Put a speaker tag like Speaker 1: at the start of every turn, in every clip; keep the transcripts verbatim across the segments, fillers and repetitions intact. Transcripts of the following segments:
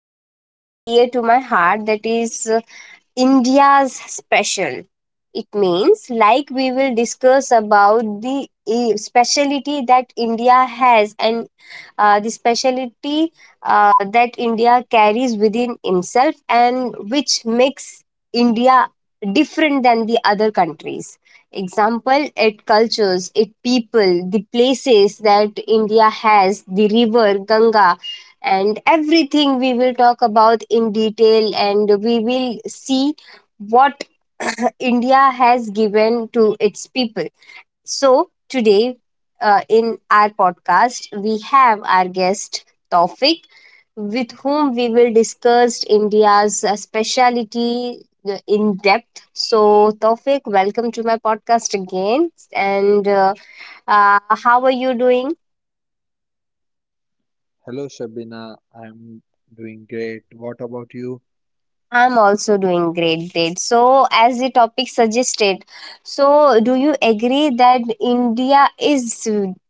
Speaker 1: Is very dear to my heart. That is uh, India's special. It means, like, we will discuss about the eh, speciality that India has, and uh, the speciality uh, that India carries within himself and which makes India different than the other countries. Example, it cultures, it people, the places that India has, the river Ganga, and everything we will talk about in detail, and we will see what India has given to its people. So, today uh, in our podcast, we have our guest Tawfiq, with whom we will discuss India's uh, speciality uh, in depth. So, Tawfiq, welcome to my podcast again. And uh, uh, how are you doing?
Speaker 2: Hello Shabina, I'm doing great. What about you?
Speaker 1: I'm also doing great, great. So, as the topic suggested, so do you agree that India is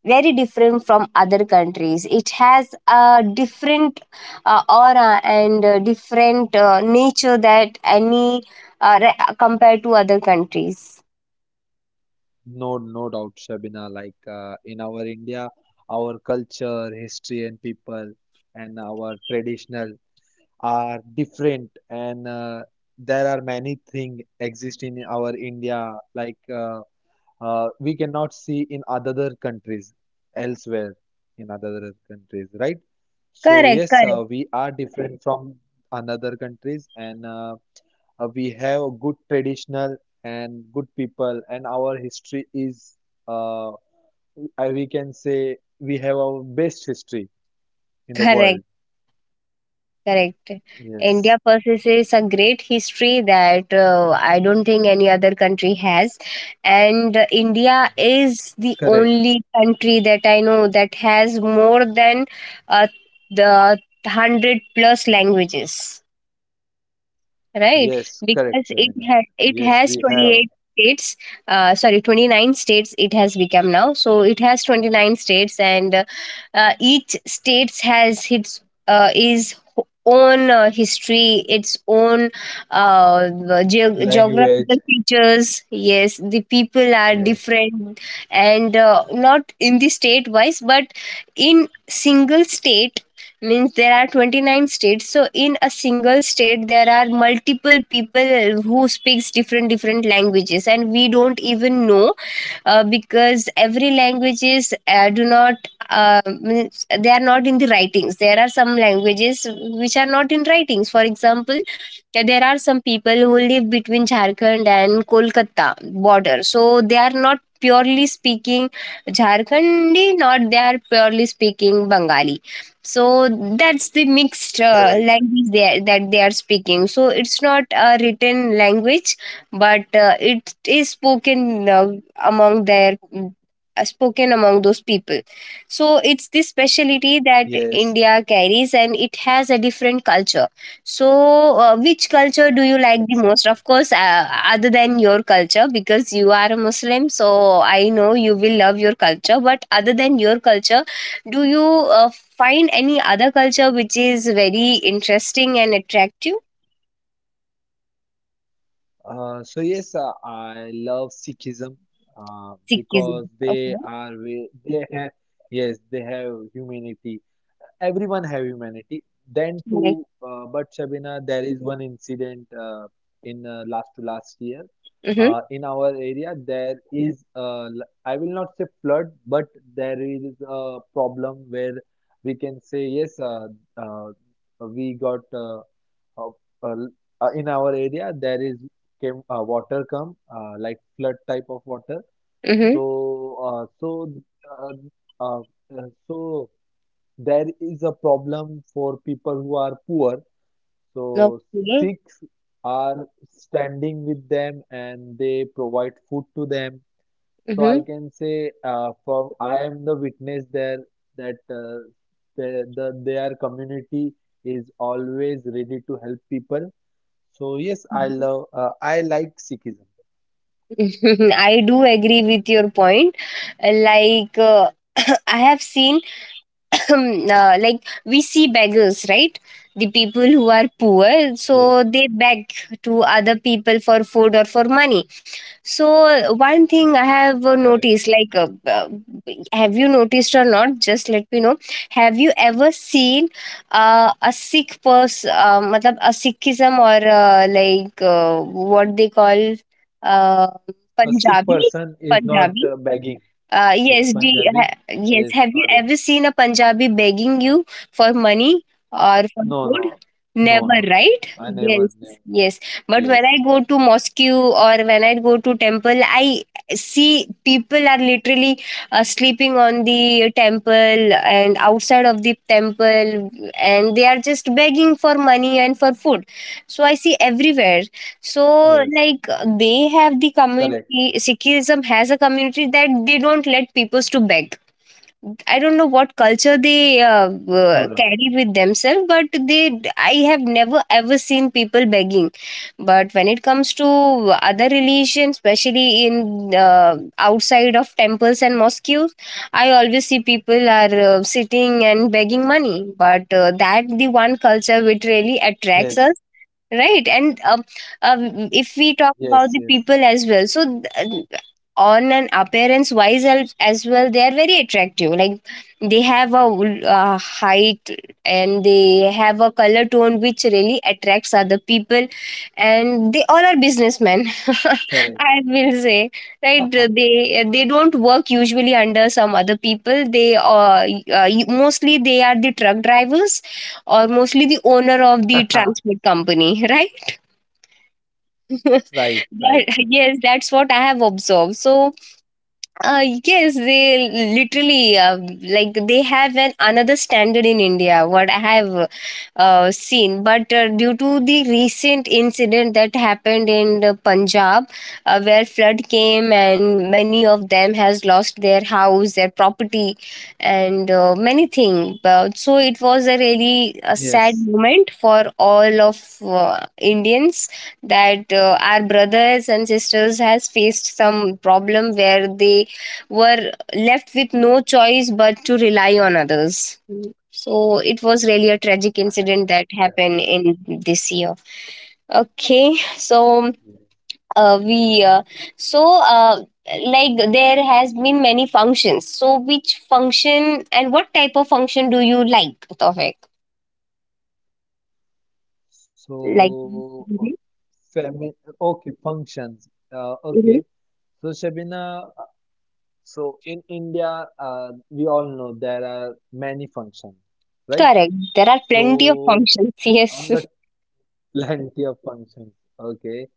Speaker 1: very different from other countries? It has a different uh, aura and uh, different uh, nature that any uh, re- compared to other countries.
Speaker 2: No, no doubt, Shabina. Like uh, in our India, our culture, history, and people, and our traditional are different, and uh, there are many things exist in our India, like uh, uh, we cannot see in other countries, elsewhere in other countries, right? So
Speaker 1: Correct,
Speaker 2: yes,
Speaker 1: correct,
Speaker 2: uh, we are different from another countries, and uh, Uh, we have a good traditional and good people, and our history is, uh, I- we can say, we have our best history in the
Speaker 1: correct.
Speaker 2: world.
Speaker 1: Correct. India
Speaker 2: Yes,
Speaker 1: possesses a great history that uh, I don't think any other country has. And uh, India is the
Speaker 2: correct.
Speaker 1: only country that I know that has more than uh, the one hundred plus languages, right?
Speaker 2: Yes,
Speaker 1: Because
Speaker 2: correct,
Speaker 1: it
Speaker 2: Shavina.
Speaker 1: ha- it
Speaker 2: Yes,
Speaker 1: has
Speaker 2: we have
Speaker 1: twenty-eight states, uh, sorry, twenty-nine states it has become now, so it has twenty-nine states. And uh, uh, each states has its uh, is ho- own uh, history, its own uh, ge- geographical
Speaker 2: language.
Speaker 1: features. Yes, the people are
Speaker 2: Yes,
Speaker 1: different, and uh, not in the state wise, but in single state. Means there are twenty-nine states, so in a single state there are multiple people who speaks different different languages, and we don't even know uh, because every languages uh, do not uh, means they are not in the writings. There are some languages which are not in writings. For example, uh, there are some people who live between Jharkhand and Kolkata border, so they are not purely speaking Jharkhandi, not they are purely speaking Bengali. So that's the mixed uh,
Speaker 2: correct.
Speaker 1: language they are, that they are speaking, so it's not a written language, but uh, it is spoken uh, among their mm, uh, spoken among those people. So it's this speciality that
Speaker 2: Yes,
Speaker 1: India carries, and it has a different culture. So uh, which culture do you like the most?
Speaker 2: exactly.
Speaker 1: Of course uh, other than your culture, because you are a Muslim, so I know you will love your culture, but other than your culture, do you uh, find any other culture which is very interesting and attractive?
Speaker 2: Uh, so yes, uh, I love Sikhism uh,
Speaker 1: Sikhism,
Speaker 2: because they
Speaker 1: okay.
Speaker 2: are ve- they have, yes they have humanity. Everyone have humanity. Then
Speaker 1: Right.
Speaker 2: too, uh, but Shabina, there is one incident uh, in uh, last to last year
Speaker 1: Mm-hmm.
Speaker 2: uh, in our area. There is uh, l- I will not say flood, but there is a problem where we can say yes, uh, uh, we got. Uh, uh, uh, uh, in our area, there is came uh, water come uh, like flood type of water. So
Speaker 1: Mm-hmm.
Speaker 2: uh, so uh, uh, uh, so there is a problem for people who are poor. So
Speaker 1: Okay.
Speaker 2: six are standing with them and they provide food to them. So I
Speaker 1: Mm-hmm.
Speaker 2: can say uh, from I am the witness there that uh, the, the their community is always ready to help people, so yes, I love uh, I like Sikhism.
Speaker 1: I do agree with your point. Like, uh, I have seen, uh, like, we see beggars, right? The people who are poor,
Speaker 2: Yes,
Speaker 1: so they beg to other people for food or for money. So uh, one thing I have uh,
Speaker 2: correct.
Speaker 1: noticed, like, uh, uh, have you noticed or not? Just let me know. Have you ever seen uh, a Sikh person, uh, matlab a Sikhism, or uh, like uh, what they call uh,
Speaker 2: A Sikh
Speaker 1: Punjabi?
Speaker 2: person is not uh,
Speaker 1: Punjabi.
Speaker 2: begging.
Speaker 1: Uh,
Speaker 2: Yes,
Speaker 1: yes, do you-
Speaker 2: Punjabi.
Speaker 1: ha- yes.
Speaker 2: Yes,
Speaker 1: Have
Speaker 2: not
Speaker 1: you
Speaker 2: begging.
Speaker 1: ever seen a Punjabi begging you for money or for
Speaker 2: No,
Speaker 1: food?
Speaker 2: no, no,
Speaker 1: Never,
Speaker 2: no.
Speaker 1: right?
Speaker 2: I never,
Speaker 1: Yes,
Speaker 2: never.
Speaker 1: yes. But when
Speaker 2: Yes,
Speaker 1: I go to mosque or when I go to temple, I see people are literally uh, sleeping on the temple and outside of the temple, and they are just begging for money and for food. So I see everywhere.
Speaker 2: yes,
Speaker 1: So, like, they have the
Speaker 2: correct.
Speaker 1: community, Sikhism has a community that they don't let peoples to beg. I don't know what culture they uh,
Speaker 2: No,
Speaker 1: uh,
Speaker 2: no.
Speaker 1: carry with themselves, but they I have never ever seen people begging. But when it comes to other religions, especially in uh, outside of temples and mosques, I always see people are uh, sitting and begging money. But uh, that the one culture which really attracts
Speaker 2: Yes,
Speaker 1: us, right? And um, um, if we talk
Speaker 2: yes,
Speaker 1: about the
Speaker 2: yes,
Speaker 1: people as well, so th- on an appearance wise as as well, they are very attractive. Like, they have a uh, height, and they have a color tone which really attracts other people. And they all are businessmen,
Speaker 2: correct.
Speaker 1: I will say, right? They they don't work usually under some other people. They uh, uh, mostly they are the truck drivers, or mostly the owner of the transport company.
Speaker 2: Right, right,
Speaker 1: That,
Speaker 2: Ravina.
Speaker 1: yes, that's what I have observed. So uh, yes, they literally uh, like, they have an another standard in India, what I have uh, seen. But uh, due to the recent incident that happened in the Punjab, uh, where flood came and many of them has lost their house, their property, and uh, many things. But so it was a really a sad
Speaker 2: Yes,
Speaker 1: moment for all of uh, Indians, that uh, our brothers and sisters has faced some problem where they were left with no choice but to rely on others. So it was really a tragic
Speaker 2: I correct.
Speaker 1: incident that happened in this year. Okay, so
Speaker 2: Yes.
Speaker 1: uh, we uh, so uh, like, there has been many functions. So which function and what type of function do you like, Tofik? Like
Speaker 2: So, uh,
Speaker 1: Mhm,
Speaker 2: Family. Okay, functions. Uh, okay.
Speaker 1: mhm.
Speaker 2: So, Shabina, so in India, uh, we all know there are many functions, right?
Speaker 1: Correct. There are plenty of
Speaker 2: So
Speaker 1: functions.
Speaker 2: on
Speaker 1: Yes.
Speaker 2: the plenty of functions, okay.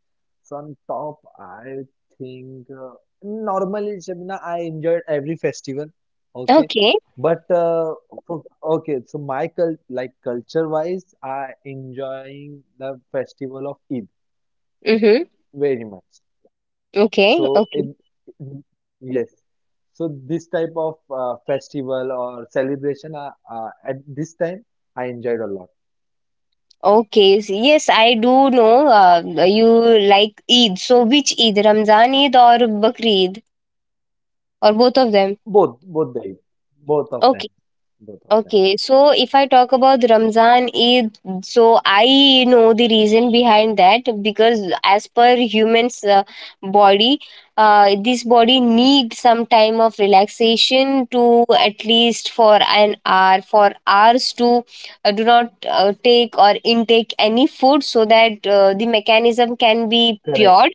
Speaker 2: So on top, I think uh, normally, Shabina, I enjoyed every festival, okay.
Speaker 1: Okay.
Speaker 2: But uh, for- okay, so my cul like culture-wise, I enjoying the festival of Eid
Speaker 1: Mm-hmm.
Speaker 2: very much.
Speaker 1: Okay.
Speaker 2: So
Speaker 1: Okay.
Speaker 2: it, yes. So this type of uh, festival or celebration uh, uh, at this time I enjoyed a lot.
Speaker 1: Okay, s- yes, I do know uh, you like Eid. So, which Eid, Ramzan Eid or Bakri Eid, or both of them?
Speaker 2: Both, both days, both of them,
Speaker 1: Okay.
Speaker 2: both of them.
Speaker 1: Okay, so if I talk about Ramzan Eid, so I know the reason behind that, because as per humans' uh, body, uh, this body needs some time of relaxation, to at least for an hour, for hours to uh, do not uh, take or intake any food, so that uh, the mechanism can be
Speaker 2: Correct.
Speaker 1: pure.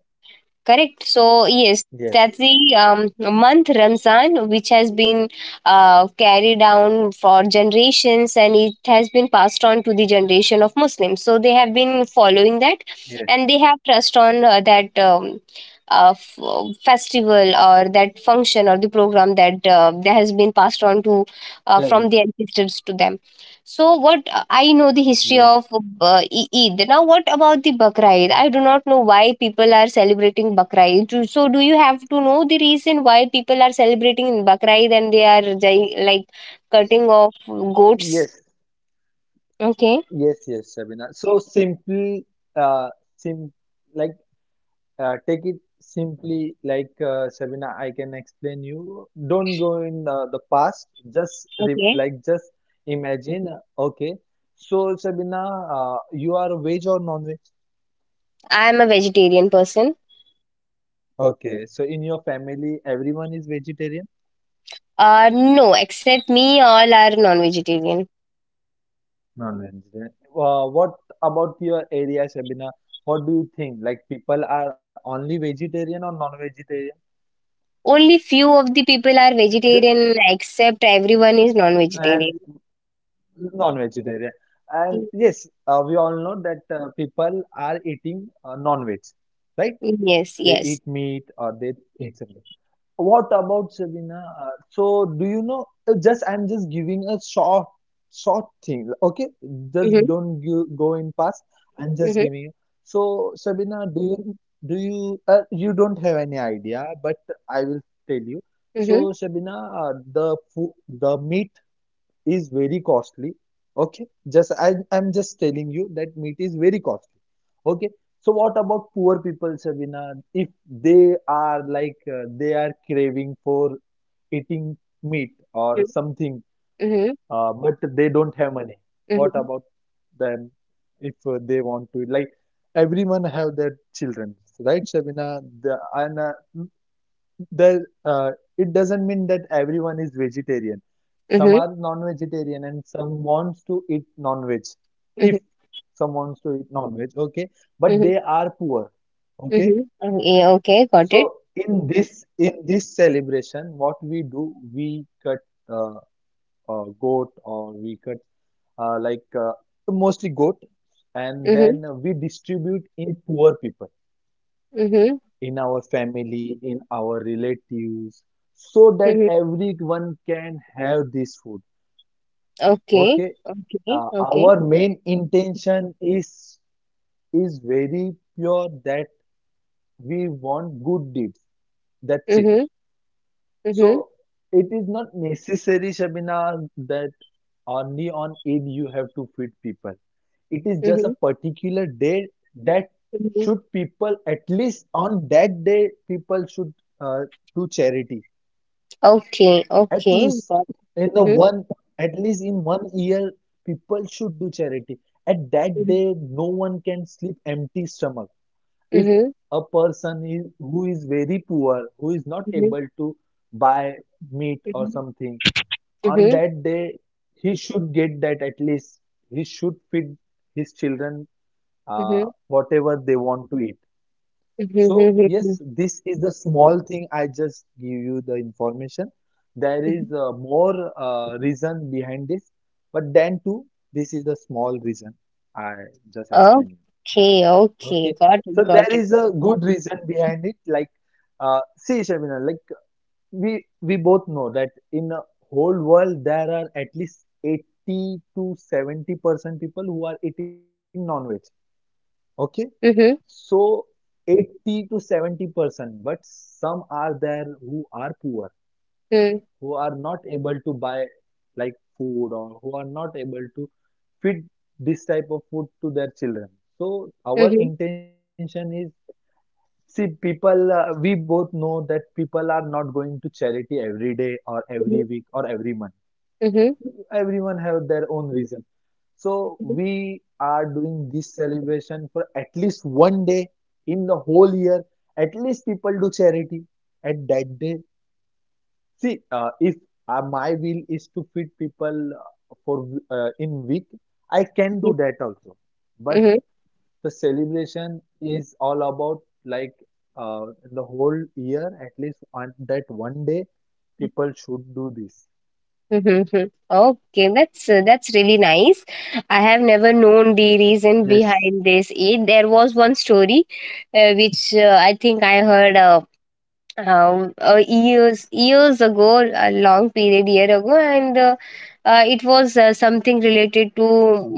Speaker 1: Correct. So yes, that's
Speaker 2: Yes,
Speaker 1: the um, month Ramzan, which has been uh, carried down for generations, and it has been passed on to the generation of Muslims. So they have been following that,
Speaker 2: yes,
Speaker 1: and they have trust on uh, that um, uh, f- festival, or that function, or the program, that uh, that has been passed on to uh,
Speaker 2: correct.
Speaker 1: from the ancestors to them. So what uh, I know the history
Speaker 2: Yes,
Speaker 1: of uh, E- Eid. Now what about the Bakra Eid? I do not know why people are celebrating Bakra'id. Do- So do you have to know the reason why people are celebrating in Bakra Eid, and they are jai- like cutting off goats?
Speaker 2: yes,
Speaker 1: Okay,
Speaker 2: yes, yes, Sabina. So simple, uh, sim like Uh, take it Simply like uh, Shabina, I can explain you. Don't go in uh, the past. Just re
Speaker 1: okay.
Speaker 2: like just imagine. uh, Okay. So Shabina, uh, you are veg or non-veg?
Speaker 1: I am a vegetarian person.
Speaker 2: Okay. So in your family, everyone is vegetarian?
Speaker 1: Uh, no, except me, all are non-vegetarian.
Speaker 2: Non-vegetarian. Uh, what about your area, Shabina? What do you think? Like people are only vegetarian or non-vegetarian?
Speaker 1: Only few of the people are
Speaker 2: Ju-
Speaker 1: vegetarian, except everyone is
Speaker 2: And
Speaker 1: non-vegetarian.
Speaker 2: non-vegetarian, and yes uh, we all know that uh, people are eating uh, non-veg, right?
Speaker 1: Yes,
Speaker 2: They
Speaker 1: yes.
Speaker 2: eat meat or they eat something. What about Sabina, uh, so do you know, uh, just I'm just giving a short short thing, okay, just
Speaker 1: Mm-hmm,
Speaker 2: don't go, go in past. I'm just
Speaker 1: mm-hmm,
Speaker 2: giving you. So Sabina, do you, do you uh, you don't have any idea, but I will tell you.
Speaker 1: mm-hmm.
Speaker 2: So Sabina, uh, the food, the meat is very costly. Okay, just I, I'm just telling you that meat is very costly. Okay, so what about poor people, Sabina? If they are like uh, they are craving for eating meat or something,
Speaker 1: Mhm,
Speaker 2: uh, but they don't have money.
Speaker 1: mhm,
Speaker 2: What about them? If uh, they want to like everyone have their children, right, Sabina? The, and uh, there uh, It doesn't mean that everyone is vegetarian, some
Speaker 1: mhm,
Speaker 2: are non-vegetarian and some wants to eat non-veg. If
Speaker 1: mhm,
Speaker 2: some wants to eat non-veg, okay, but
Speaker 1: mhm,
Speaker 2: they are poor. Okay,
Speaker 1: mhm. Oh, yeah, okay, got
Speaker 2: so
Speaker 1: it.
Speaker 2: in this, in this celebration what we do, we cut uh, a goat, or we cut uh, like uh, mostly goat, and then
Speaker 1: Mhm,
Speaker 2: we distribute in poor people,
Speaker 1: mhm,
Speaker 2: in our family, in our relatives, so that
Speaker 1: mhm.
Speaker 2: everyone can have this food.
Speaker 1: Okay,
Speaker 2: Okay,
Speaker 1: okay,
Speaker 2: uh,
Speaker 1: okay.
Speaker 2: our main intention is is very pure, that we want good deeds. That's it.
Speaker 1: Mhm, mhm,
Speaker 2: So it is not necessary, Shabina, that only on Eid you have to feed people. It is just a
Speaker 1: mhm,
Speaker 2: particular day that
Speaker 1: mhm.
Speaker 2: should people, at least on that day, people should uh, do charity.
Speaker 1: Okay,
Speaker 2: At
Speaker 1: okay,
Speaker 2: least
Speaker 1: got.
Speaker 2: in
Speaker 1: It.
Speaker 2: the
Speaker 1: Mhm,
Speaker 2: one, at least in one year, people should do charity. At that
Speaker 1: mhm,
Speaker 2: day, no one can sleep empty stomach if
Speaker 1: mhm,
Speaker 2: a person is who is very poor, who is not
Speaker 1: mhm,
Speaker 2: able to buy meat or
Speaker 1: mhm,
Speaker 2: something on
Speaker 1: mhm,
Speaker 2: that day, he should get that, at least he should feed his children uh,
Speaker 1: mhm,
Speaker 2: whatever they want to eat.
Speaker 1: mhm,
Speaker 2: So
Speaker 1: mhm,
Speaker 2: yes,
Speaker 1: mhm,
Speaker 2: this is the small thing, I just give you the information. There
Speaker 1: mhm.
Speaker 2: is uh, more uh, reason behind this, but then too this is the small reason I just explained you.
Speaker 1: Okay, okay,
Speaker 2: Okay,
Speaker 1: got
Speaker 2: so
Speaker 1: it,
Speaker 2: there
Speaker 1: got it.
Speaker 2: is a good reason behind it. Like, uh, see, Shabina, like we we both know that in the whole world there are at least eighty to seventy percent people who are eating non-veg. Okay,
Speaker 1: Mhm,
Speaker 2: so eighty to seventy percent, but some are there who are poor,
Speaker 1: mhm,
Speaker 2: who are not able to buy like food, or who are not able to feed this type of food to their children. So
Speaker 1: mhm,
Speaker 2: our intention is, see, people, uh, we both know that people are not going to charity every day or
Speaker 1: mhm,
Speaker 2: every week or every month.
Speaker 1: mhm,
Speaker 2: Everyone have their own reason. So
Speaker 1: mhm,
Speaker 2: we are doing this celebration for at least one day in the whole year. At least people do charity at that day. See, uh, if uh, my will is to feed people uh, for uh, in week, I can do that also. But
Speaker 1: mhm,
Speaker 2: the celebration is all about like uh, the whole year, at least on that one day,
Speaker 1: mhm.
Speaker 2: people should do this.
Speaker 1: Mhm, mhm. Okay, that's uh, that's really nice. I have never known the reason
Speaker 2: Yes,
Speaker 1: behind this. Eh, There was one story uh, which uh, I think I heard. Uh, um, uh, years years ago, a long period year ago, and uh, uh, it was uh, something related to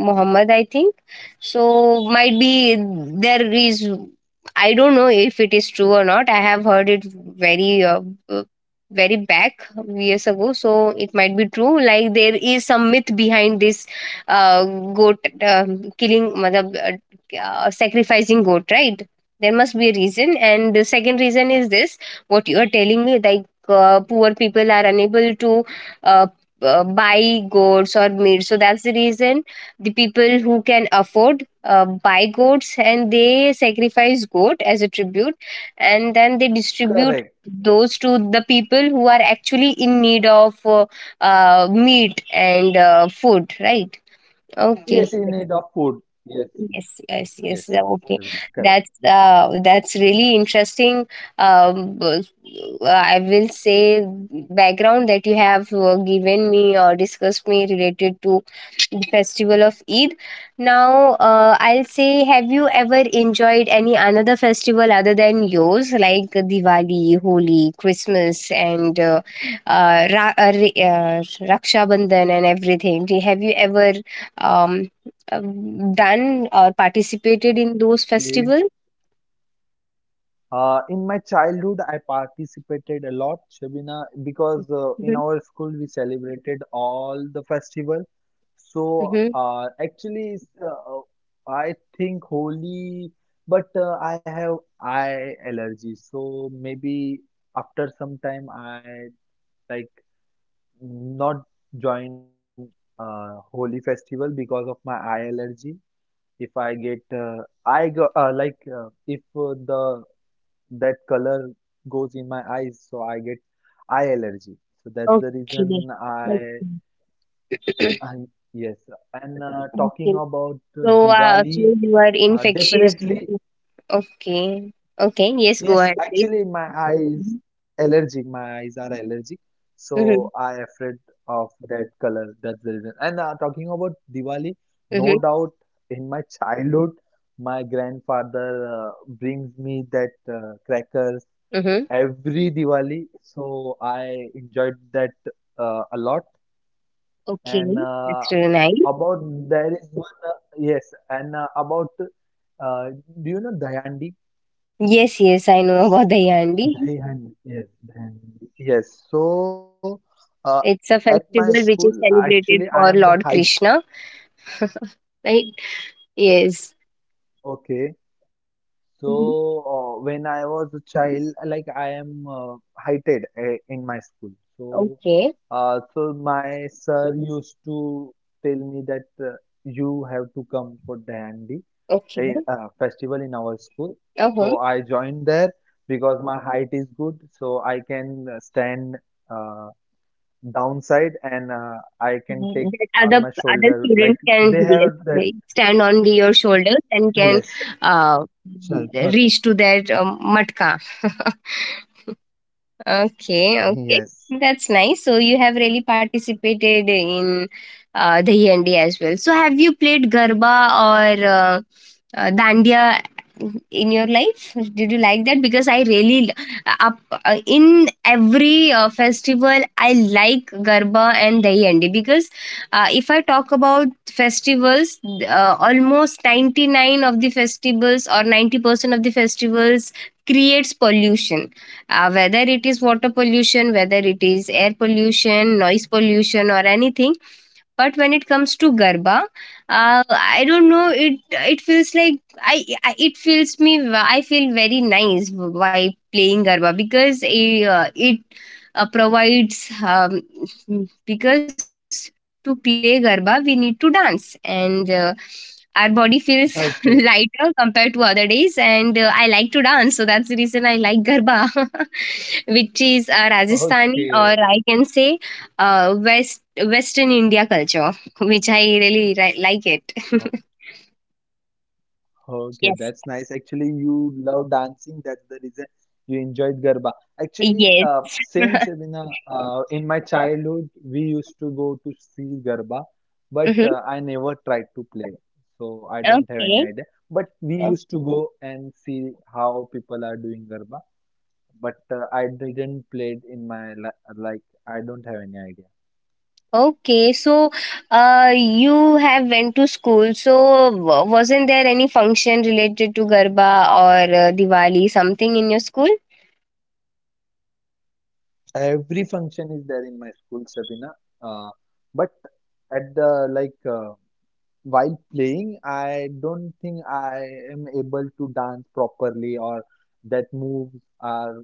Speaker 1: Muhammad, I think. So might be there is. I don't know if it is true or not. I have heard it very, uh, uh, very back years ago, so it might be true. Like, there is some myth behind this uh, goat um killing, matlab, uh, uh, sacrificing goat, right? There must be a reason, and the second reason is this, what you are telling me, like, uh, poor people are unable to uh, uh, buy goods or meat. So that's the reason the people who can afford uh, buy goats, and they sacrifice goat as a tribute, and then they distribute
Speaker 2: correct.
Speaker 1: those to the people who are actually in need of uh, uh, meat and uh, food, right? Okay.
Speaker 2: Yes, in need of food. Yes,
Speaker 1: Yes, yes, yes.
Speaker 2: yes,
Speaker 1: uh, Okay,
Speaker 2: Shabina, correct.
Speaker 1: that's uh, that's really interesting. Um, uh, I will say background that you have uh, given me or discussed me related to the festival of Eid. Now, uh, I'll say, have you ever enjoyed any another festival other than yours, like Diwali, Holi, Christmas, and uh, uh, Ra- uh, Ra- uh, Raksha Bandhan and everything? Do- Have you ever um, um, done or participated in those
Speaker 2: Okay,
Speaker 1: festivals?
Speaker 2: Uh, in my childhood, I participated a lot, Shabina, because uh,
Speaker 1: Mm-hmm.
Speaker 2: in our school we celebrated all the festival. So
Speaker 1: Mm-hmm.
Speaker 2: uh, actually, it's, uh, I think Holi, but uh, I have eye allergy. So maybe after some time, I like not join uh, Holi festival because of my eye allergy. If I get uh, I go uh, like uh, if uh, the that color goes in my eyes, so I get eye allergy. So that's the
Speaker 1: Okay.
Speaker 2: reason
Speaker 1: Okay.
Speaker 2: I, I yes. And uh, talking
Speaker 1: Okay.
Speaker 2: about uh,
Speaker 1: So, uh, so
Speaker 2: Diwali,
Speaker 1: you are
Speaker 2: uh,
Speaker 1: infectious.
Speaker 2: definitely
Speaker 1: Okay. Okay. Yes, go
Speaker 2: yes.
Speaker 1: ahead, please.
Speaker 2: Actually, my eyes allergic. My eyes are allergic,
Speaker 1: Mhm,
Speaker 2: so I afraid of that color. That's the reason. And uh, talking about Diwali,
Speaker 1: mhm,
Speaker 2: no doubt in my childhood, my grandfather uh, brings me that uh, crackers
Speaker 1: mhm.
Speaker 2: every Diwali. So I enjoyed that uh, a lot.
Speaker 1: Okay,
Speaker 2: And uh,
Speaker 1: that's really nice.
Speaker 2: about there is one uh, yes, and uh, about uh, do you know Dayandi?
Speaker 1: Yes, yes, I know about the Yandi.
Speaker 2: Dayandi, yes, Dayandi. Yes. So uh, at my
Speaker 1: It's a
Speaker 2: school,
Speaker 1: festival which is
Speaker 2: actually, I am the
Speaker 1: celebrated
Speaker 2: height.
Speaker 1: for Lord Krishna, right? Yes.
Speaker 2: Okay. So,
Speaker 1: Mhm.
Speaker 2: uh, when I was a child, like I am uh, heighted uh, in my school. So,
Speaker 1: Okay,
Speaker 2: uh, so my sir used to tell me that uh, you have to come for Dandi
Speaker 1: okay.
Speaker 2: in, uh, festival in our school.
Speaker 1: Uh-huh.
Speaker 2: So I joined there because my height is good, so I can uh, stand uh, downside and uh, I can take
Speaker 1: Mhm. That
Speaker 2: on
Speaker 1: other
Speaker 2: my
Speaker 1: other
Speaker 2: shoulder. Like
Speaker 1: students can,
Speaker 2: they
Speaker 1: yes,
Speaker 2: have that.
Speaker 1: they stand on your shoulders and can
Speaker 2: Yes,
Speaker 1: uh,
Speaker 2: sure,
Speaker 1: reach
Speaker 2: perfect.
Speaker 1: to that um, matka. Okay, okay.
Speaker 2: Yes.
Speaker 1: That's nice. So you have really participated in uh, the Dahiyandi as well. So have you played Garba, or uh, uh, Dandiya in your life? Did you like that? Because I really l- up uh, in every uh, festival I like Garba and Dahiyandi because uh, if I talk about festivals, uh, almost ninety nine of the festivals or ninety percent of the festivals creates pollution, uh, whether it is water pollution, whether it is air pollution, noise pollution, or anything. But when it comes to Garba, uh, I don't know. It it feels like I, I it feels me. I feel very nice while playing Garba because it, uh, it uh, provides, um, because to play Garba we need to dance and. Uh, our body feels
Speaker 2: okay.
Speaker 1: lighter compared to other days and uh, I like to dance, so that's the reason I like Garba. Which is uh, Rajasthani, or
Speaker 2: Okay,
Speaker 1: I can say uh, West Western India culture, which I really ri- like it.
Speaker 2: o- okay,
Speaker 1: Yes.
Speaker 2: that's nice. Actually, you love dancing. That's the reason you enjoyed Garba. Actually,
Speaker 1: Yes.
Speaker 2: uh, same Shabina. Uh, in my childhood, we used to go to see Garba, but
Speaker 1: Hmm.
Speaker 2: uh, I never tried to play, so I don't have any
Speaker 1: Okay.
Speaker 2: idea. But we
Speaker 1: O-
Speaker 2: used to go and see how people are doing Garba, but uh, I didn't play it in my li like I don't have any idea.
Speaker 1: Okay. So, uh, you have went to school. So, w- wasn't there any function related to Garba or uh, Diwali, something in your school?
Speaker 2: Every function is there in my school, Sabina. Uh, but at the like uh, while playing, I don't think I am able to dance properly, or that moves are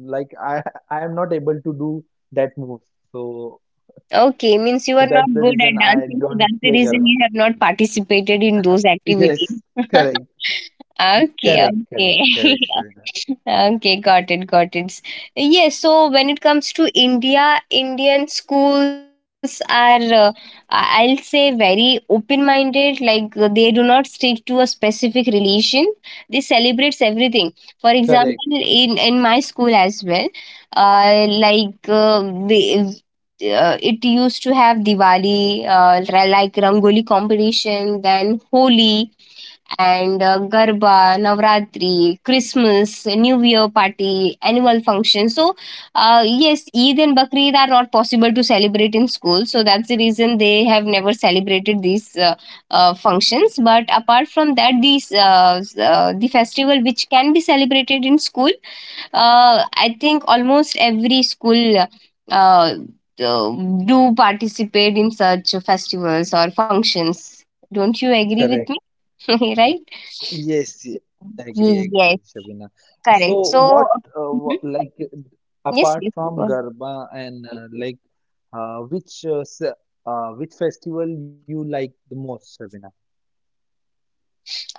Speaker 2: like I I am not able to do that moves. So
Speaker 1: Okay, means you are
Speaker 2: so
Speaker 1: not
Speaker 2: that's the
Speaker 1: good at
Speaker 2: reason I
Speaker 1: dancing, so
Speaker 2: don't
Speaker 1: that's the
Speaker 2: play
Speaker 1: reason
Speaker 2: Garba.
Speaker 1: you have not participated in those activities.
Speaker 2: Yes, correct,
Speaker 1: Okay,
Speaker 2: correct, correct,
Speaker 1: okay.
Speaker 2: correct, Shabina.
Speaker 1: Okay, got it, got it. Yes, so when it comes to India, Indian schools are, uh, I- I'll say, very open minded. Like, uh, they do not stick to a specific religion, they celebrates everything. For example,
Speaker 2: Correct,
Speaker 1: in, in my school as well, uh, like uh, we, uh, it used to have Diwali, uh, ra- like Rangoli competition, then Holi and uh, Garba, Navratri, Christmas, New Year party, annual function. So, uh, yes, Eid and Bakrid are not possible to celebrate in school. So, that's the reason they have never celebrated these uh, uh, functions. But apart from that, these uh, s- uh, the festival which can be celebrated in school, uh, I think almost every school uh, do do participate in such festivals or functions. Don't you agree with
Speaker 2: correct.
Speaker 1: me?
Speaker 2: Y-
Speaker 1: Right?
Speaker 2: Yes, y- agree,
Speaker 1: Ye-
Speaker 2: agree,
Speaker 1: Yes,
Speaker 2: Shabina. So,
Speaker 1: correct. So.
Speaker 2: what, uh,
Speaker 1: Mhm.
Speaker 2: wha- like, uh,
Speaker 1: Yes,
Speaker 2: apart
Speaker 1: yes,
Speaker 2: from
Speaker 1: go on.
Speaker 2: Garba and uh, like, uh, which uh, s- uh, which festival you like the most, Shabina?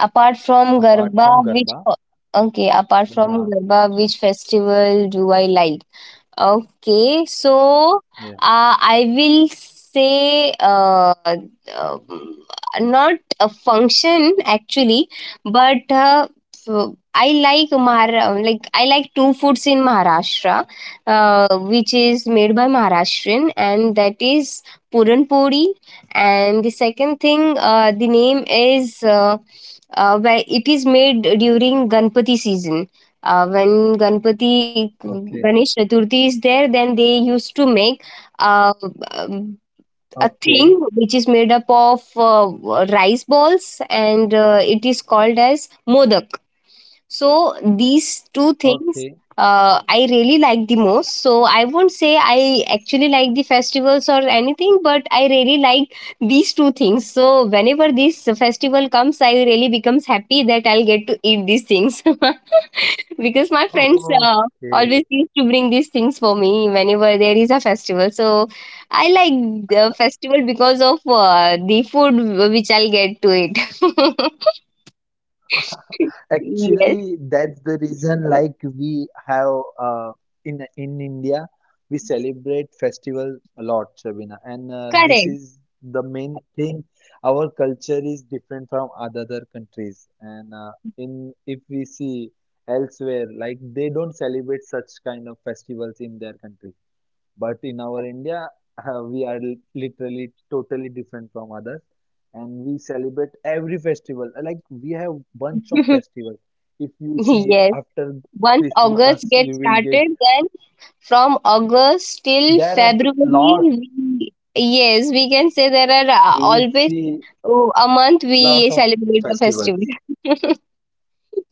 Speaker 1: Apart from
Speaker 2: Apart from
Speaker 1: Garba,
Speaker 2: Garba,
Speaker 1: which fe- Okay, apart
Speaker 2: Garba.
Speaker 1: from Garba, which festival do I like? Okay, so
Speaker 2: Yeah.
Speaker 1: uh, I will say uh, uh, not a function actually, but uh, so I like Mahara like I like two foods in Maharashtra, uh, which is made by Maharashtrian, and that is puran puri. And the second thing, uh, the name is, uh, uh, where it is made during Ganpati season, uh, when Ganpati
Speaker 2: Okay.
Speaker 1: Ganesh Chaturthi is there, then they used to make uh, um, a
Speaker 2: Okay.
Speaker 1: thing which is made up of uh, rice balls, and uh, it is called as modak. So these two
Speaker 2: Okay.
Speaker 1: things uh, I really like the most. So I won't say I actually like the festivals or anything, but I really like these two things. So whenever this festival comes, I really becomes happy that I'll get to eat these things. Because my friends uh,
Speaker 2: Okay.
Speaker 1: always used to bring these things for me whenever there is a festival. So I like the festival because of uh, the food which I'll get to it. Yes,
Speaker 2: Actually, that's the reason like we have uh, in in India we celebrate festival a lot, Shabina, and uh, this
Speaker 1: correct.
Speaker 2: is the main thing. Our culture is different from other countries, and uh, in if we see elsewhere, like they don't celebrate such kind of festivals in their country. But in our India, uh, we are literally totally different from others, and we celebrate every festival. Uh, Like we have bunch of festivals. If you see
Speaker 1: Yes,
Speaker 2: after
Speaker 1: once August
Speaker 2: Christmas, you
Speaker 1: gets
Speaker 2: will get
Speaker 1: started, then from August till
Speaker 2: there are
Speaker 1: February,
Speaker 2: lot.
Speaker 1: we, yes, we can say there are uh,
Speaker 2: You will
Speaker 1: always,
Speaker 2: see
Speaker 1: oh, a month
Speaker 2: lot
Speaker 1: we
Speaker 2: of
Speaker 1: celebrate the festival.
Speaker 2: festivals.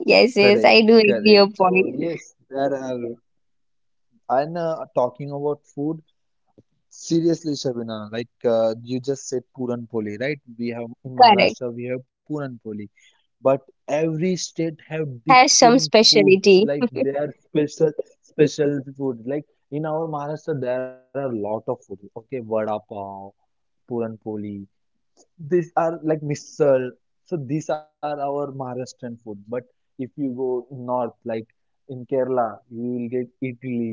Speaker 1: Yes, yes,
Speaker 2: Correct,
Speaker 1: I do agree
Speaker 2: correct.
Speaker 1: your point.
Speaker 2: So yes, there are. And uh, talking about food. Seriously, Shabina, like uh, you just said Puran Poli, right? We have in
Speaker 1: Correct.
Speaker 2: Maharashtra we have Puran Poli, but every state have
Speaker 1: Has some
Speaker 2: different food,
Speaker 1: specialty.
Speaker 2: like their special special food. Like in our Maharashtra, there are a lot of food. Okay, vada pav, Puran Poli, these are like misal. So these are our Maharashtrian food. But if you go north, like in Kerala, you will get idli,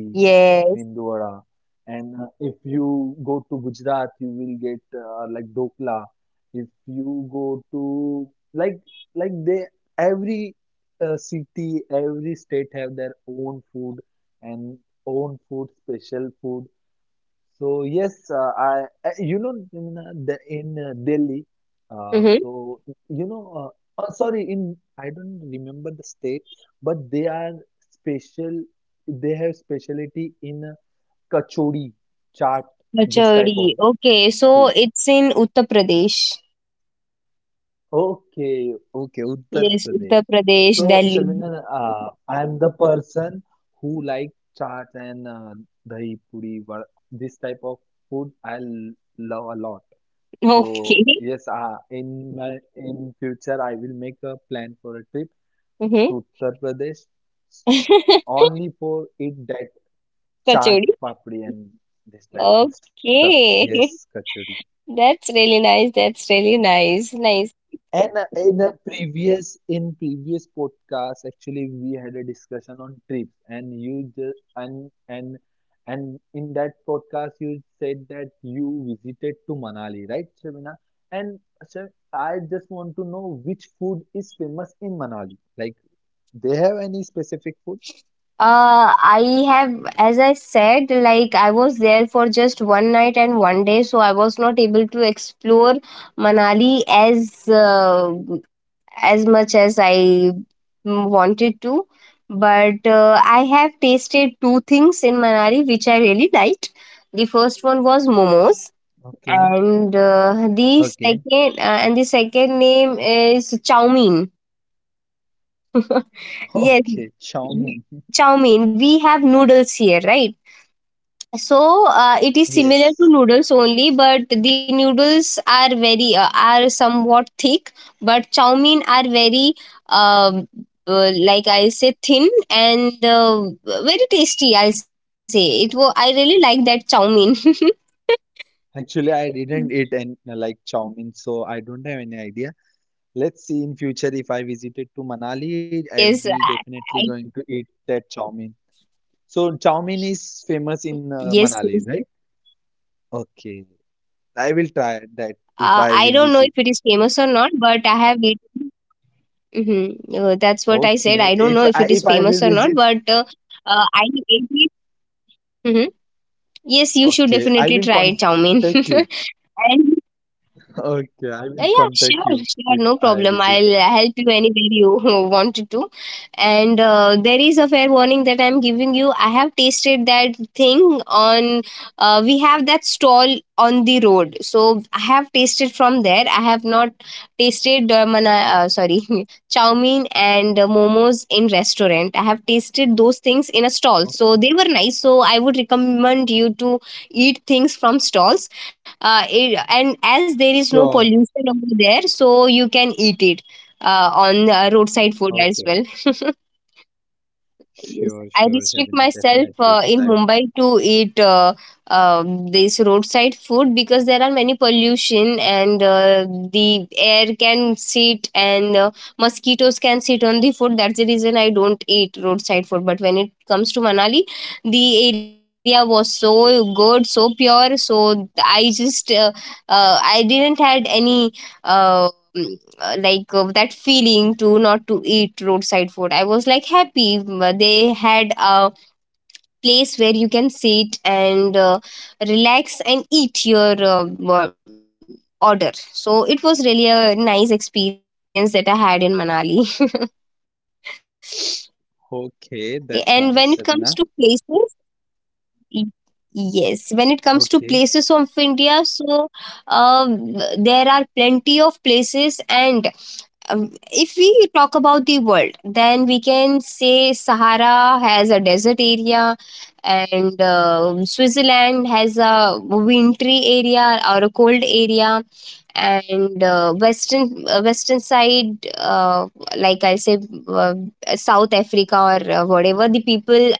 Speaker 2: mendu
Speaker 1: Yes.
Speaker 2: vada. And uh, if you go to Gujarat, you will get uh, like dokla. If you go to like like they every uh, city, every state have their own food and own food, special food. So yes, uh, I, I you know in uh, the in uh, Delhi, uh,
Speaker 1: Mm-hmm.
Speaker 2: so you know, uh, oh, sorry, in I don't remember the state, but they are special. They have specialty in uh, kachori, chaat, this type
Speaker 1: Kachori.
Speaker 2: of
Speaker 1: Okay, so
Speaker 2: food.
Speaker 1: it's in Uttar Pradesh.
Speaker 2: Okay, okay, Uttar
Speaker 1: Yes,
Speaker 2: Pradesh.
Speaker 1: Uttar Pradesh,
Speaker 2: So,
Speaker 1: Delhi.
Speaker 2: Sharmina, uh, I'm the person who like chaat and uh, dahi puri, vada- this type of food I l- love a lot. So,
Speaker 1: Okay.
Speaker 2: yes, uh, in my in future I will make a plan for a trip to Uttar Pradesh
Speaker 1: Mm-hmm.
Speaker 2: only for eat that chaat,
Speaker 1: Kachori.
Speaker 2: papdi and this type of stuff.
Speaker 1: Okay.
Speaker 2: Yes, kachori.
Speaker 1: That's really nice. That's really nice. Nice.
Speaker 2: And uh, in a previous in previous podcast, actually, we had a discussion on trips, and you just and and and in that podcast, you said that you visited to Manali, right, Shabina? And Shab I just want to know which food is famous in Manali. Like, they have any specific food?
Speaker 1: Uh, I have, as I said, like I was there for just one night and one day, so I was not able to explore Manali as uh, as much as I mm, wanted to. But uh, I have tasted two things in Manali which I really liked. The first one was momos,
Speaker 2: Okay,
Speaker 1: and uh, the
Speaker 2: okay,
Speaker 1: second uh, and the second name is chow mein. Yes,
Speaker 2: okay. Chow mein.
Speaker 1: chow mein. We have noodles here, right? So uh, it is similar
Speaker 2: Yes.
Speaker 1: to noodles only, but the noodles are very uh, are somewhat thick, but chow mein are very, um, uh, like I say, thin and uh, very tasty. I'll say it. Wa- I really like that chow mein.
Speaker 2: Actually, I didn't eat any like chow mein, so I don't have any idea. Let's see in future if I visited to Manali, I
Speaker 1: Ah,
Speaker 2: will
Speaker 1: yes,
Speaker 2: definitely
Speaker 1: I,
Speaker 2: going to
Speaker 1: I,
Speaker 2: eat that chow mein. So chow mein is famous in uh, Manali, right?
Speaker 1: yes, yes.
Speaker 2: Okay, I will try that if
Speaker 1: Uh,
Speaker 2: I
Speaker 1: I
Speaker 2: will
Speaker 1: don't know
Speaker 2: visit.
Speaker 1: if it is famous or not, but I have eaten. Mm-hmm. Uh, that's what I
Speaker 2: Okay,
Speaker 1: said.
Speaker 2: if
Speaker 1: I
Speaker 2: I
Speaker 1: don't know
Speaker 2: if
Speaker 1: if
Speaker 2: I
Speaker 1: it is
Speaker 2: will visit,
Speaker 1: famous or not, but uh, uh, I ate it. Mm-hmm.
Speaker 2: okay,
Speaker 1: Yes,
Speaker 2: I
Speaker 1: you
Speaker 2: will
Speaker 1: should
Speaker 2: contact
Speaker 1: definitely
Speaker 2: you.
Speaker 1: try chow mein. and
Speaker 2: Okay, I will contact you if
Speaker 1: Uh,
Speaker 2: I
Speaker 1: yeah,
Speaker 2: visit.
Speaker 1: sure, sure, no problem. I'll uh, help you anywhere you wanted to. And uh, there is a fair warning that I'm giving you. I have tasted that thing on, uh, We have that stall on the road. So I have tasted from there. I have not chow mein and uh, momos in restaurant. I have tasted those things in a stall. So
Speaker 2: Okay,
Speaker 1: they were nice. So I would recommend you to eat things from stalls, uh, it, and as there is no
Speaker 2: sure.
Speaker 1: pollution over there so you can eat it uh, on uh, roadside food as well.
Speaker 2: Okay,
Speaker 1: Yes,
Speaker 2: sure,
Speaker 1: I
Speaker 2: sure,
Speaker 1: restrict
Speaker 2: Shabina,
Speaker 1: myself uh,
Speaker 2: definitely.
Speaker 1: in
Speaker 2: I
Speaker 1: Mumbai
Speaker 2: will.
Speaker 1: to eat uh, uh, this roadside food because there are many pollution and uh, the air can sit and uh, mosquitoes can sit on the food. That's the reason I don't eat roadside food. But when it comes to Manali, the area was so good, so pure. So I just uh, uh, I didn't had any. Uh, uh, like uh, that feeling to not to eat roadside food, I was like happy. Mm, they had a place where you can sit and uh, relax and eat your um, uh, wo- order. So it was really a nice experience that I had in Manali. Okay, and when it comes to places,
Speaker 2: Okay, that's nice,
Speaker 1: y-
Speaker 2: Shabina.
Speaker 1: yes, when it comes to places of India, so
Speaker 2: Okay,
Speaker 1: um, there are plenty of places, and um, if we talk about the world, then we can say Sahara has a desert area, and uh, Switzerland has a wintry area or a cold area, and uh, western uh, western side, uh, like I say uh, South Africa, or uh, whatever, the people are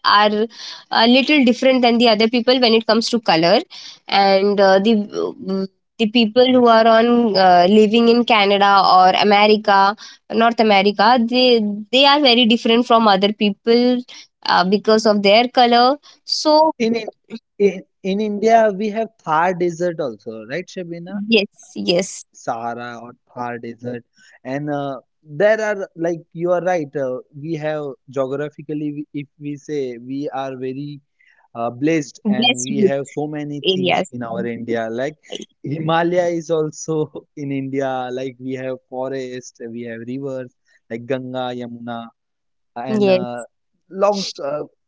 Speaker 1: a little different than the other people when it comes to color, and uh, the the
Speaker 2: yes.
Speaker 1: people who are on uh, living in Canada or America, North America, they they are very different from other people uh, because of their color. So,
Speaker 2: In In, in India, we have Thar Desert also, right, Shabina?
Speaker 1: yes, yes,
Speaker 2: Sahara or Thar Desert. And uh, there are, like, you are right. Uh, we have geographically, we- if we say we are very uh, blessed and
Speaker 1: best
Speaker 2: we have so many things
Speaker 1: areas,
Speaker 2: in our India. Like, Himalaya is also in India. Like, we have forest, we have rivers, like Ganga, Yamuna,
Speaker 1: yes.
Speaker 2: and uh, long, uh,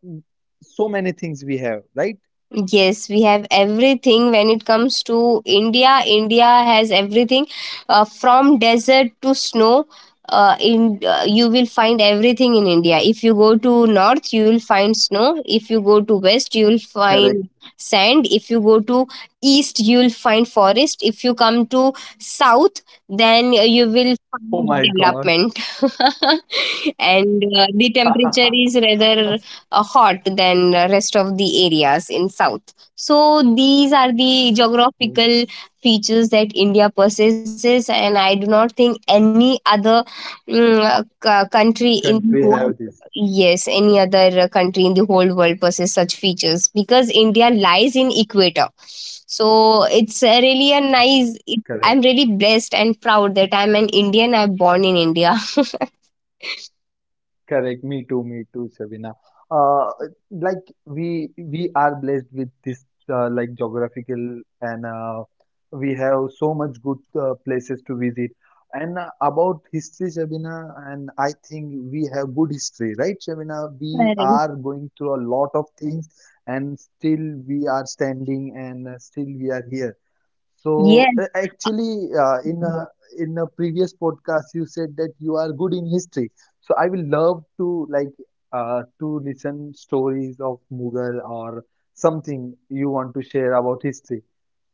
Speaker 2: so many things we have, right?
Speaker 1: Yes, we have everything when it comes to India. India has everything uh, from desert to snow. Uh, in uh, You will find everything in India. If you go to north, you will find snow. If you go to west, you will find sand. If you go to east, you will find forest. If you come to south, then you
Speaker 2: Oh
Speaker 1: will
Speaker 2: my
Speaker 1: find
Speaker 2: God.
Speaker 1: development. And uh, the temperature is rather uh, hot than uh, rest of the areas in south. So these are the
Speaker 2: Whole We
Speaker 1: geographical features that India possesses, and I do not think any other, mm, uh, c- country in the whole,
Speaker 2: country have have this.
Speaker 1: yes, any other uh, country in the whole world possess such features because India lies in equator. So it's uh, really a
Speaker 2: This.
Speaker 1: nice it,
Speaker 2: Correct.
Speaker 1: I'm really blessed and proud that I'm an Indian. I'm born in India.
Speaker 2: Correct. Me too. Me too, Shabina. Uh, like we we are blessed with this uh, like geographical and uh, we have so much good uh, places to visit. And uh, about history, Shabina, and I think we have good history, right, Shabina? We
Speaker 1: Very.
Speaker 2: are going through a lot of things, and still we are standing, and uh, still we are here. So
Speaker 1: Yes.
Speaker 2: uh, actually, uh, in a in a previous podcast, you said that you are good in history. So I will love to like uh, to listen stories of Mughal or something you want to share about history.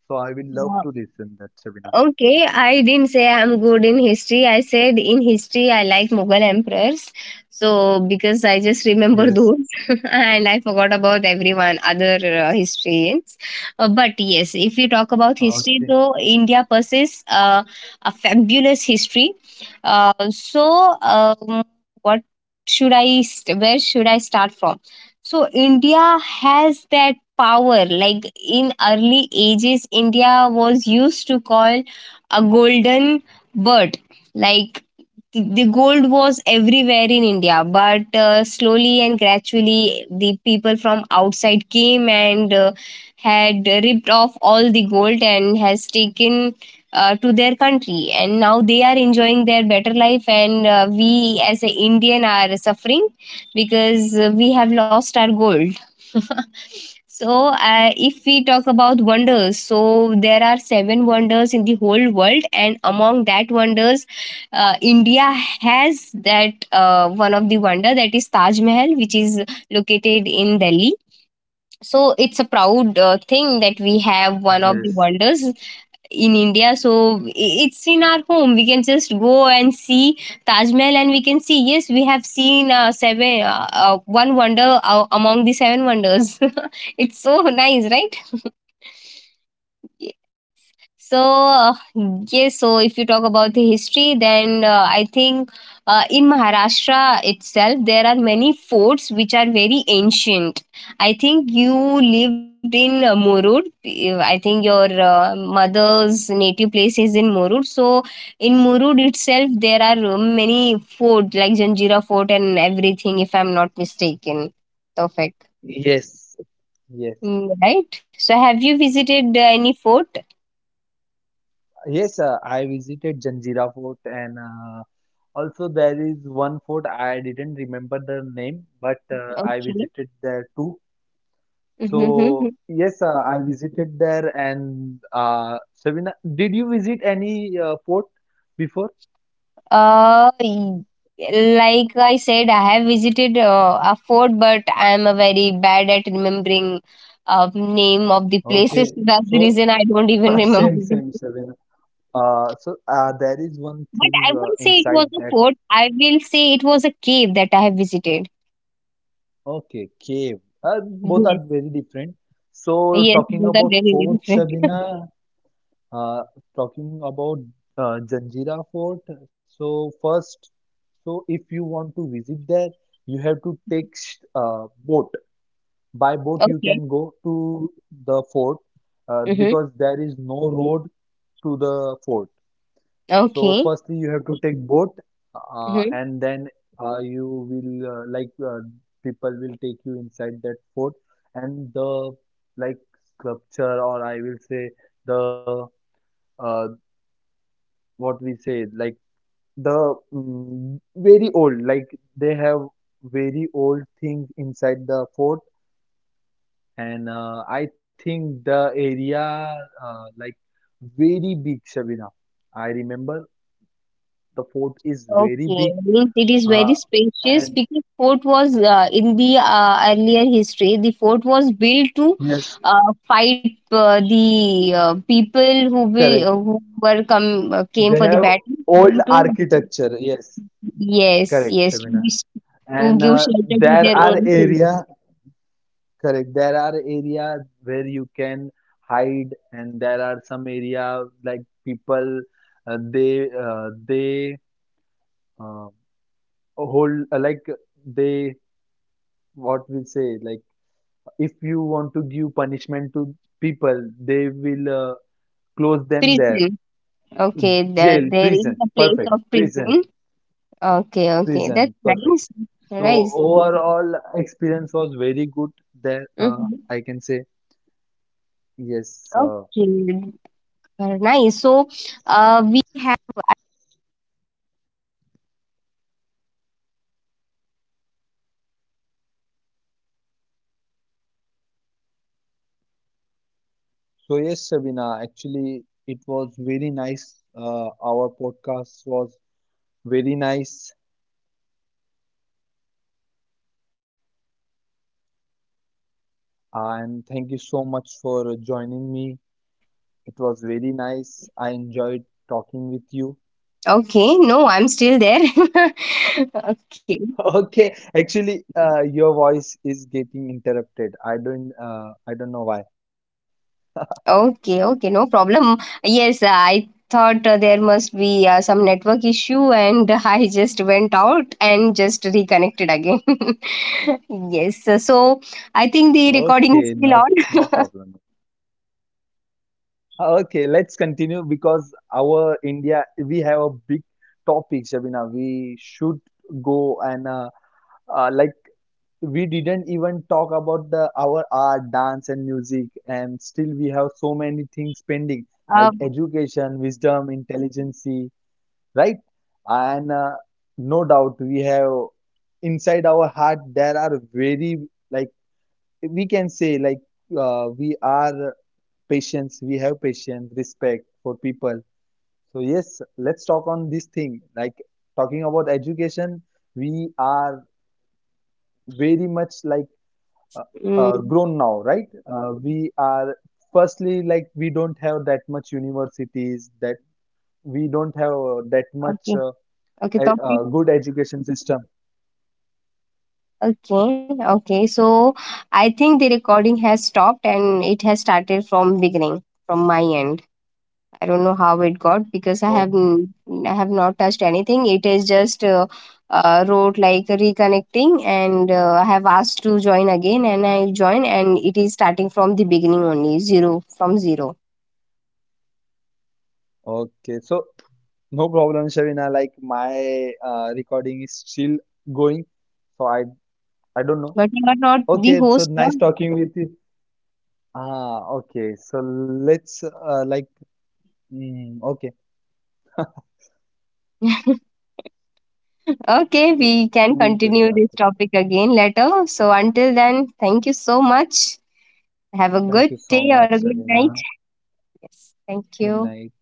Speaker 2: So I will love to listen that, Shabina.
Speaker 1: Okay, I didn't say I'm good in history. I said in history I like Mughal emperors. So because I just remember
Speaker 2: Yes.
Speaker 1: those and I forgot about everyone other uh, historians. Uh, but yes, if you talk about history
Speaker 2: Okay.
Speaker 1: though, India possesses uh, a fabulous history. Uh, so um, what should I st- Where should I start from? So India has that power like in early ages, India was used to call a golden bird, like the gold was everywhere in India, but uh, slowly and gradually, the people from outside came and uh, had ripped off all the gold and has taken uh, to their country. And now they are enjoying their better life, and uh, we as an Indian are suffering because uh, we have lost our gold. So, uh, if we talk about wonders, so there are seven wonders in the whole world, and among that wonders, uh, India has that uh, one of the wonder that is Taj Mahal, which is located in Delhi. So it's a proud uh, thing that we have one of the
Speaker 2: Yes.
Speaker 1: wonders in India. So i- it's in our home. We can just go and see Taj Mahal, and we can see, yes, we have seen uh, seven uh, uh, one wonder uh, among the seven wonders. It's so nice, right? So, uh, yes, so if you talk about the history, then uh, I think uh, in Maharashtra itself, there are many forts which are very ancient. I think you lived in uh, Morud. You- I think your uh, mother's native place is in Morud. So, in Morud itself, there are uh, many forts like Janjira Fort and everything, if I'm not mistaken. Perfect.
Speaker 2: Yes. Yes.
Speaker 1: Mm. Right? So, have you visited uh, any fort?
Speaker 2: Yes. Uh, I visited Janjira Fort and uh, also there is one fort I didn't remember the name, but uh, I
Speaker 1: Okay.
Speaker 2: visited there too. So yes, uh, I visited there, and uh, Sabina, did you visit any uh, fort before?
Speaker 1: Uh, y- like I said, I have visited uh, a fort, but I am a very bad at remembering uh, name of the places.
Speaker 2: Okay,
Speaker 1: That's the
Speaker 2: so
Speaker 1: reason I don't even remember
Speaker 2: same,
Speaker 1: the name.
Speaker 2: same, Sabina. Uh, so uh, there is
Speaker 1: But
Speaker 2: one
Speaker 1: I won't
Speaker 2: thing
Speaker 1: say
Speaker 2: uh,
Speaker 1: it was a
Speaker 2: inside
Speaker 1: fort.
Speaker 2: that.
Speaker 1: I will say it was a cave that I have visited.
Speaker 2: Okay, cave. Uh, both are
Speaker 1: Yes,
Speaker 2: very different. So
Speaker 1: yes,
Speaker 2: talking
Speaker 1: those are
Speaker 2: about
Speaker 1: very
Speaker 2: fort,
Speaker 1: different.
Speaker 2: Sabina, uh, talking about uh, Janjira Fort. So first, so if you want to visit there, you have to take sh- uh, boat. By boat, you
Speaker 1: Okay.
Speaker 2: can go to the fort uh,
Speaker 1: Mm-hmm.
Speaker 2: because there is no road to the fort. So,
Speaker 1: Okay.
Speaker 2: firstly, you have to take boat, uh,
Speaker 1: Mm-hmm.
Speaker 2: and then uh, you will uh, like uh, people will take you inside that fort, and the like sculpture, or I will say the uh, what we say like the mm, very old, like they have very old things inside the fort. And uh, I think the area uh, like very big, Shabina. I remember the fort is very
Speaker 1: Okay,
Speaker 2: big,
Speaker 1: means it is
Speaker 2: uh,
Speaker 1: very spacious
Speaker 2: and
Speaker 1: because fort was uh, in the uh, earlier history. The fort was built to
Speaker 2: yes,
Speaker 1: uh, fight uh, the uh, people who will uh,
Speaker 2: correct.
Speaker 1: who were come uh, came
Speaker 2: They
Speaker 1: for the
Speaker 2: have
Speaker 1: battle.
Speaker 2: old
Speaker 1: To
Speaker 2: architecture. Yes,
Speaker 1: Yes,
Speaker 2: correct,
Speaker 1: yes, to,
Speaker 2: Shabina.
Speaker 1: be, to
Speaker 2: And
Speaker 1: give
Speaker 2: uh,
Speaker 1: shelter to
Speaker 2: there
Speaker 1: their
Speaker 2: are
Speaker 1: own people.
Speaker 2: area, correct. There are area where you can hide, and there are some area like people uh, they uh, they uh, hold uh, like they what we say like if you want to give punishment to people they will uh, close them there,
Speaker 1: Prison. Okay,
Speaker 2: jail,
Speaker 1: the,
Speaker 2: prison,
Speaker 1: there is a
Speaker 2: perfect,
Speaker 1: place of
Speaker 2: prison,
Speaker 1: prison. Okay,
Speaker 2: prison,
Speaker 1: okay, that's
Speaker 2: perfect.
Speaker 1: nice,
Speaker 2: So
Speaker 1: nice.
Speaker 2: overall experience was very good there, uh,
Speaker 1: Mhm.
Speaker 2: I can say yes. uh,
Speaker 1: Okay, uh, nice. So. Uh,
Speaker 2: So yes, Sabina, actually it was very nice. Uh, our podcast was very nice, and thank you so much for joining me. It was very nice. I enjoyed talking with you.
Speaker 1: Okay, no, I'm still there. Okay,
Speaker 2: Okay, actually, uh, your voice is getting interrupted. I don't, uh, I don't know why.
Speaker 1: okay, okay, no problem. Yes, I thought uh, there must be uh, some network issue, and I just went out and just reconnected again. Yes, uh, so I think
Speaker 2: Okay,
Speaker 1: the
Speaker 2: no,
Speaker 1: recording is
Speaker 2: no
Speaker 1: still
Speaker 2: problem.
Speaker 1: on.
Speaker 2: Okay, let's continue because our India, we have a big topic, Shabina. We should go and uh, uh, like we didn't even talk about the our art, dance, and music, and still we have so many things pending like
Speaker 1: Uh,
Speaker 2: education, wisdom, intelligence. Right? And uh, no doubt we have inside our heart there are very like we can say like uh, we are patience, we have patience, respect for people. So yes, let's talk on this thing. Like talking about education, we are very much like uh, uh,
Speaker 1: mm,
Speaker 2: grown now, right? Uh, we are firstly like we don't have that much universities that we don't have that much. Uh,
Speaker 1: okay,
Speaker 2: a,
Speaker 1: okay,
Speaker 2: a
Speaker 1: topic.
Speaker 2: good education system.
Speaker 1: Okay, okay, so I think the recording has stopped and it has started from beginning, from my end. I don't know how it got because I have
Speaker 2: Okay,
Speaker 1: n- I have not touched anything. It is just uh, uh, wrote like reconnecting, and uh, I have asked to join again, and I join, and it is starting from the beginning only, zero from zero.
Speaker 2: okay. So no problem, Shavina. Like my uh, recording is still going, so I I don't know.
Speaker 1: But you are not the
Speaker 2: Okay, so
Speaker 1: host now.
Speaker 2: nice talking with you. Ah, okay. So let's uh, like mm, okay.
Speaker 1: Okay,
Speaker 2: L
Speaker 1: we can
Speaker 2: leave the
Speaker 1: continue this
Speaker 2: after.
Speaker 1: topic again later. So until then, thank you so much. Have a good
Speaker 2: Thank you so
Speaker 1: day or
Speaker 2: much,
Speaker 1: a good night.
Speaker 2: Shavina.
Speaker 1: Yes, thank
Speaker 2: Good
Speaker 1: you.
Speaker 2: night.